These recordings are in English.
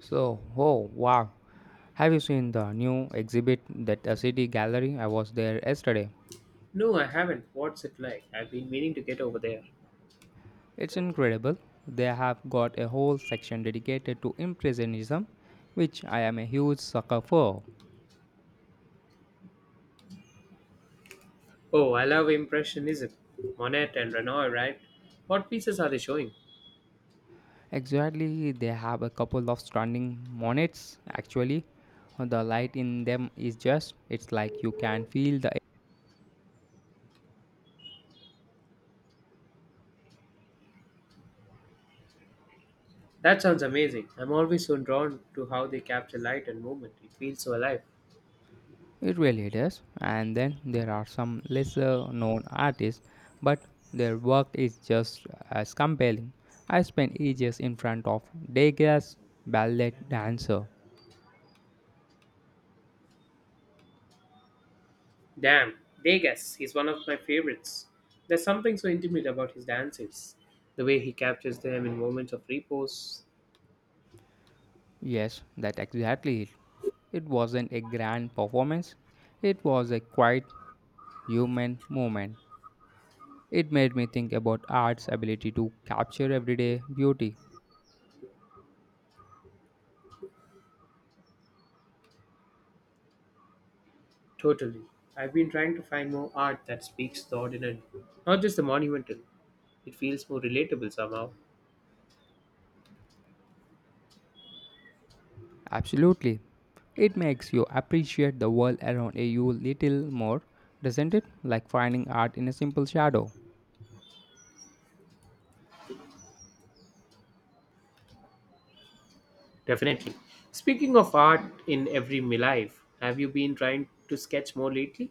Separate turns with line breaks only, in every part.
So, oh wow, have you seen the new exhibit that a city gallery? I was there yesterday.
No, I haven't. What's it like? I've been meaning to get over there.
It's incredible. They have got a whole section dedicated to impressionism, which I am a huge sucker for.
Oh, I love Impressionism. Monet and Renoir, right? What pieces are they showing?
Exactly, they have a couple of stunning monets actually. The light in them is just it's like you can feel the
That sounds amazing. I'm always so drawn to how they capture light and movement. It feels so alive.
It really does. And then there are some lesser known artists, but their work is just as compelling. I spent ages in front of Degas Ballet Dancer.
Damn, Degas is one of my favorites. There's something so intimate about his dances, the way he captures them in moments of repose.
Yes, that's exactly it. It wasn't a grand performance, it was a quiet human moment. It made me think about art's ability to capture everyday beauty.
Totally. I've been trying to find more art that speaks the ordinary, not just the monumental. It feels more relatable somehow.
Absolutely. It makes you appreciate the world around you little more, doesn't it? Like finding art in a simple shadow.
Definitely. Speaking of art in every my life, have you been trying to sketch more lately?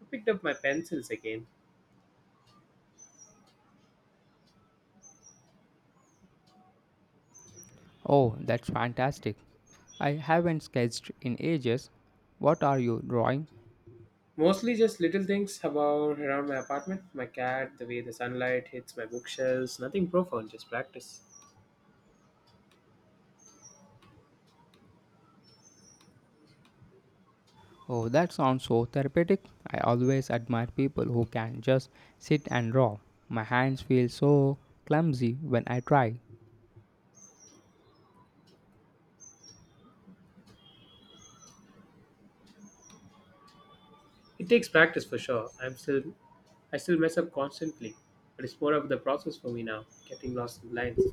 I picked up my pencils again.
Oh, that's fantastic. I haven't sketched in ages. What are you drawing?
Mostly just little things about around my apartment, my cat, the way the sunlight hits my bookshelves, nothing profound, just practice.
Oh, that sounds so therapeutic. I always admire people who can just sit and draw. My hands feel so clumsy when I try.
It takes practice for sure. I still mess up constantly, but it's more of the process for me now, getting lost in lines.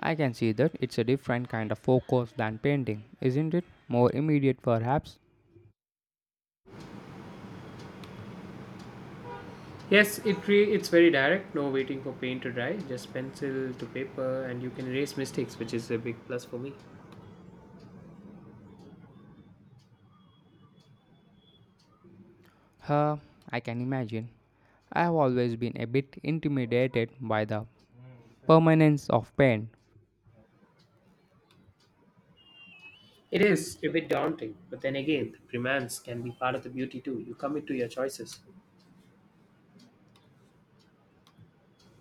I can see that it's a different kind of focus than painting, isn't it? More immediate, perhaps.
Yes, it's very direct, no waiting for paint to dry, just pencil to paper and you can erase mistakes, which is a big plus for me.
Huh, I can imagine. I have always been a bit intimidated by the permanence of pain.
It is a bit daunting, but then again, the romance can be part of the beauty too. You commit to your choices.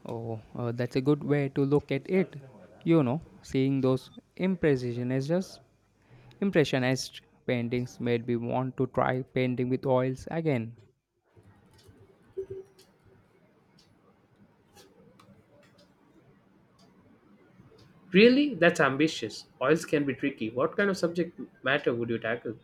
Oh, that's a good way to look at it. You know, seeing those impressionist paintings made me want to try painting with oils again.
Really? That's ambitious. Oils can be tricky. What kind of subject matter would you tackle?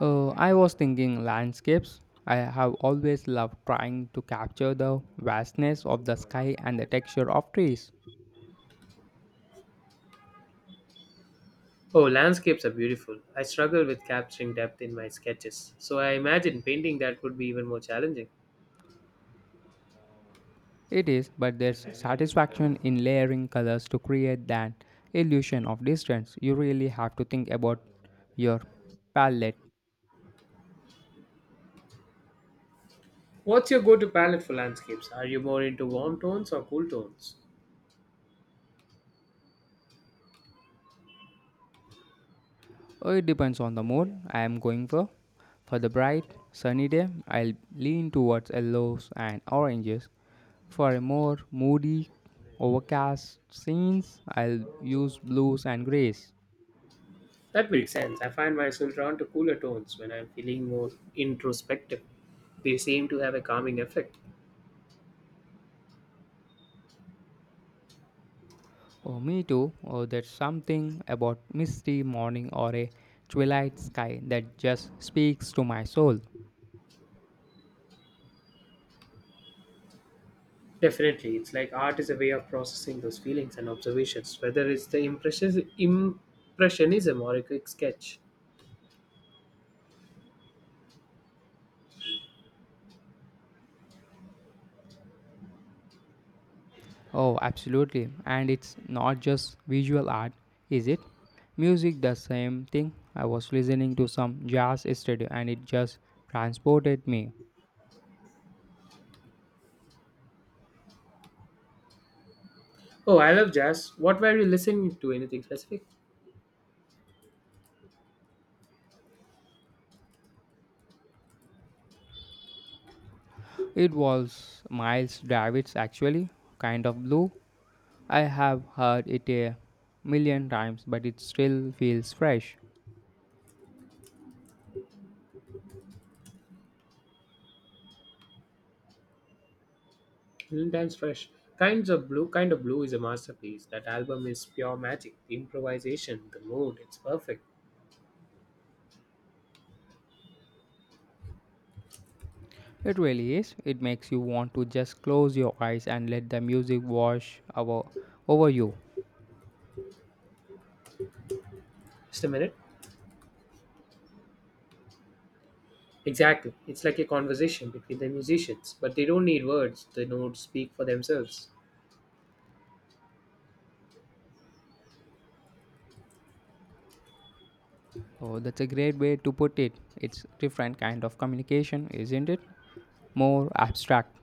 I was thinking landscapes. I have always loved trying to capture the vastness of the sky and the texture of trees.
Oh, landscapes are beautiful. I struggle with capturing depth in my sketches, so I imagine painting that would be even more challenging.
It is, but there's satisfaction in layering colors to create that illusion of distance. You really have to think about your palette.
What's your go to palette for landscapes? Are you more into warm tones or cool tones?
Oh, it depends on the mood I am going for. For the bright, sunny day, I'll lean towards yellows and oranges. For a more moody, overcast scenes, I'll use blues and grays.
That makes sense. I find myself drawn to cooler tones when I'm feeling more introspective. They seem to have a calming effect.
Oh, me too. Oh, there's something about misty morning or a twilight sky that just speaks to my soul.
Definitely, it's like art is a way of processing those feelings and observations, whether it's impressionism or a quick sketch.
Oh, absolutely. And it's not just visual art, is it? Music, the same thing. I was listening to some jazz yesterday and it just transported me.
Oh, I love jazz. What were you listening to? Anything specific?
It was Miles Davis, actually, kind of blue. I have heard it a million times, but it still feels fresh.
Mm, Times Fresh. Kinds of Blue. Kind of Blue is a masterpiece. That album is pure magic. The improvisation, the mood, it's perfect.
It really is. It makes you want to just close your eyes and let the music wash over you.
Just a minute. Exactly. It's like a conversation between the musicians, but they don't need words. The notes speak for themselves.
Oh, that's a great way to put it. It's different kind of communication, isn't it? More abstract.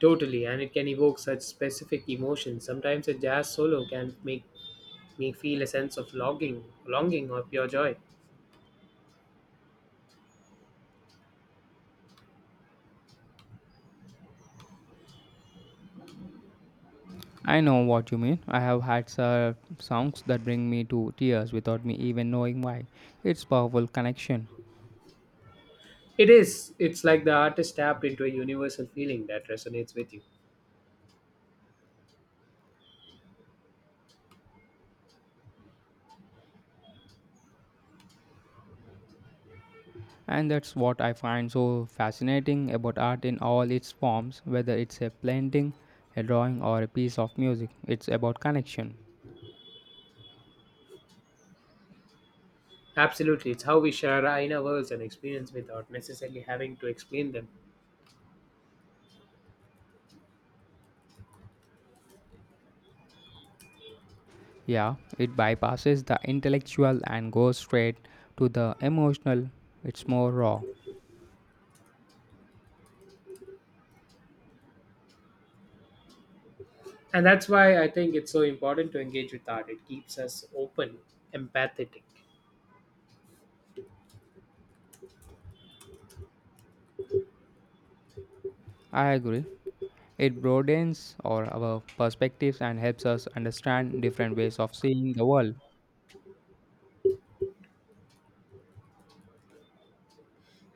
Totally, and it can evoke such specific emotions. Sometimes a jazz solo can make me feel a sense of longing or pure joy.
I know what you mean. I have had some songs that bring me to tears without me even knowing why. It's powerful connection.
It is. It's like the artist tapped into a universal feeling that resonates with you.
And that's what I find so fascinating about art in all its forms, whether it's a painting, a drawing, or a piece of music. It's about connection.
Absolutely. It's how we share our inner worlds and experience without necessarily having to explain them.
Yeah, it bypasses the intellectual and goes straight to the emotional. It's more raw.
And that's why I think it's so important to engage with art. It keeps us open, empathetic.
I agree. It broadens our perspectives and helps us understand different ways of seeing the world.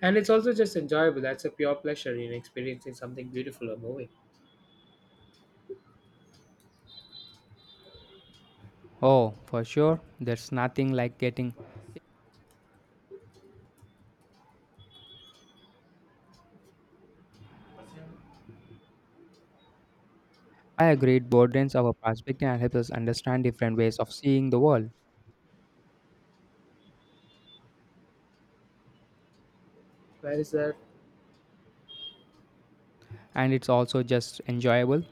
And it's also just enjoyable. That's a pure pleasure in experiencing something beautiful or moving.
Oh, for sure, there's nothing like getting. I agree, it broadens our perspective and helps us understand different ways of seeing the world.
Where is that?
And it's also just enjoyable.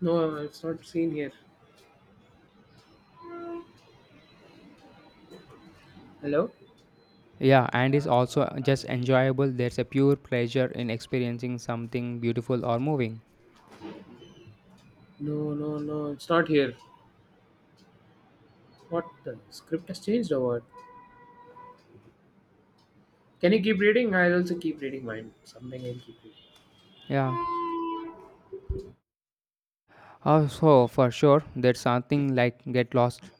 No, it's not seen here. Hello?
Yeah, and it's also just enjoyable. There's a pure pleasure in experiencing something beautiful or moving.
No, no, no, it's not here. What the script has changed or what? Can you keep reading? I'll also keep reading mine. Something I'll keep reading.
Yeah. Also, for sure, there's something like get lost.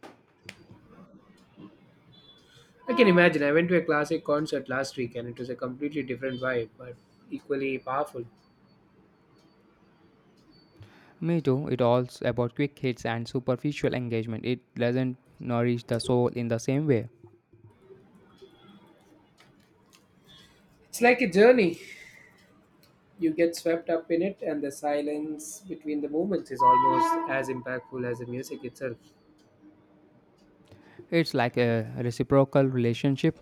I can imagine. I went to a classic concert last week and it was a completely different vibe, but equally powerful.
Me too. It all's about quick hits and superficial engagement. It doesn't nourish the soul in the same way.
It's like a journey. You get swept up in it, and the silence between the movements is almost as impactful as the music itself.
It's like a reciprocal relationship.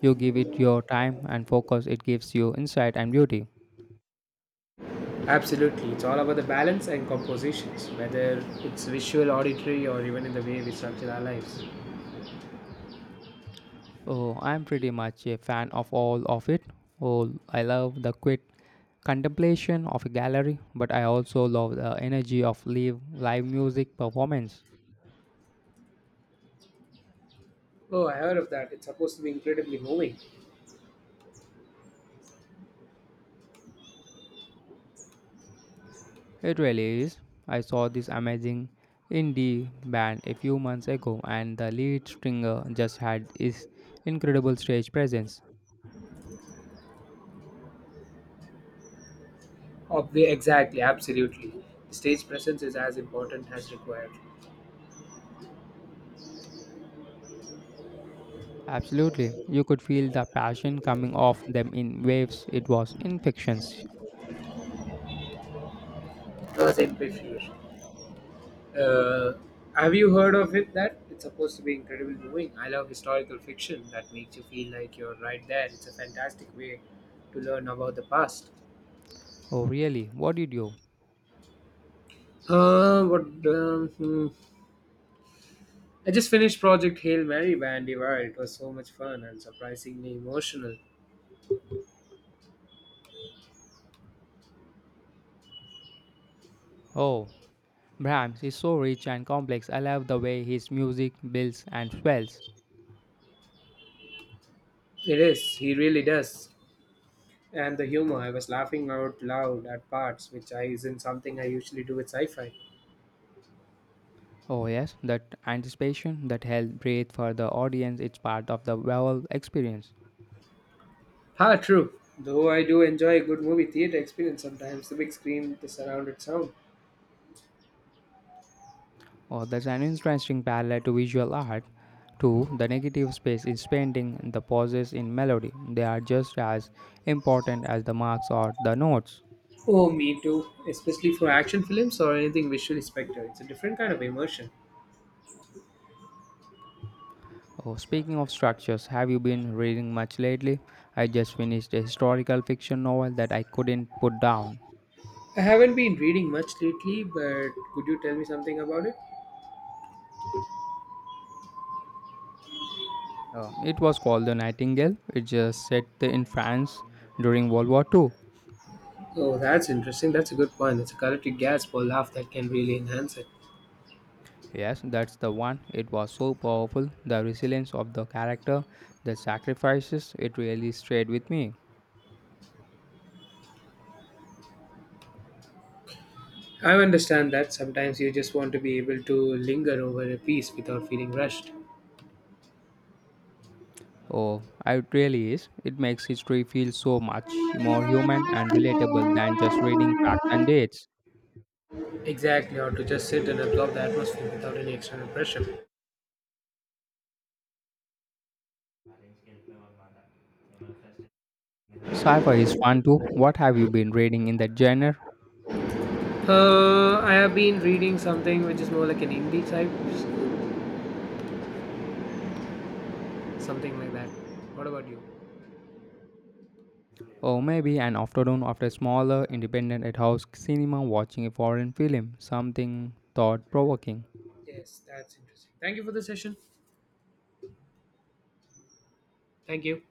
You give it your time and focus, it gives you insight and beauty.
Absolutely. It's all about the balance and compositions, whether it's visual, auditory, or even in the way we structure our lives.
Oh, I'm pretty much a fan of all of it. Oh, I love the quiet contemplation of a gallery, but I also love the energy of live music performance.
Oh, I heard of that. It's supposed to be incredibly moving.
It really is. I saw this amazing indie band a few months ago, and the lead stringer just had his incredible stage presence.
Exactly, absolutely. Stage presence is as important as required.
Absolutely, you could feel the passion coming off them in waves. It was infections.
Because in Pifure. Uh, have you heard of it? That it's supposed to be incredibly moving. I love historical fiction that makes you feel like you're right there. It's a fantastic way to learn about the past.
Oh, really? What did you?
What? Hmm. I just finished Project Hail Mary by Andy Weir. It was so much fun and surprisingly emotional.
Oh, Brahms is so rich and complex. I love the way his music builds and swells.
It is. He really does. And the humor, I was laughing out loud at parts, which I isn't something I usually do with sci fi.
Oh, yes, that anticipation, that held breath for the audience, it's part of the whole experience.
Ah, true. Though I do enjoy a good movie theater experience sometimes, the big screen, the surrounded sound.
Or there's an interesting parallel to visual art. Too, the negative space is painting, the pauses in melody. They are just as important as the marks or the notes.
Oh, me too. Especially for action films or anything visually spectacular. It's a different kind of immersion.
Oh, speaking of structures, have you been reading much lately? I just finished a historical fiction novel that I couldn't put down.
I haven't been reading much lately, but could you tell me something about it?
It was called The Nightingale. It just set in France during World War II.
Oh, that's interesting. That's a good point. It's a collective gasp or laugh that can really enhance it.
Yes, that's the one. It was so powerful. The resilience of the character, the sacrifices, it really stayed with me.
I understand that sometimes you just want to be able to linger over a piece without feeling rushed.
Oh, it really is. It makes history feel so much more human and relatable than just reading facts and dates.
Exactly, or to just sit and absorb the atmosphere without any external pressure.
Sci-fi is fun too. What have you been reading in that genre?
I have been reading something which is more like an indie type, something like that. What about you?
Or maybe an afternoon after smaller, independent at house cinema watching a foreign film, something thought-provoking.
Yes, that's interesting. Thank you for the session. Thank you.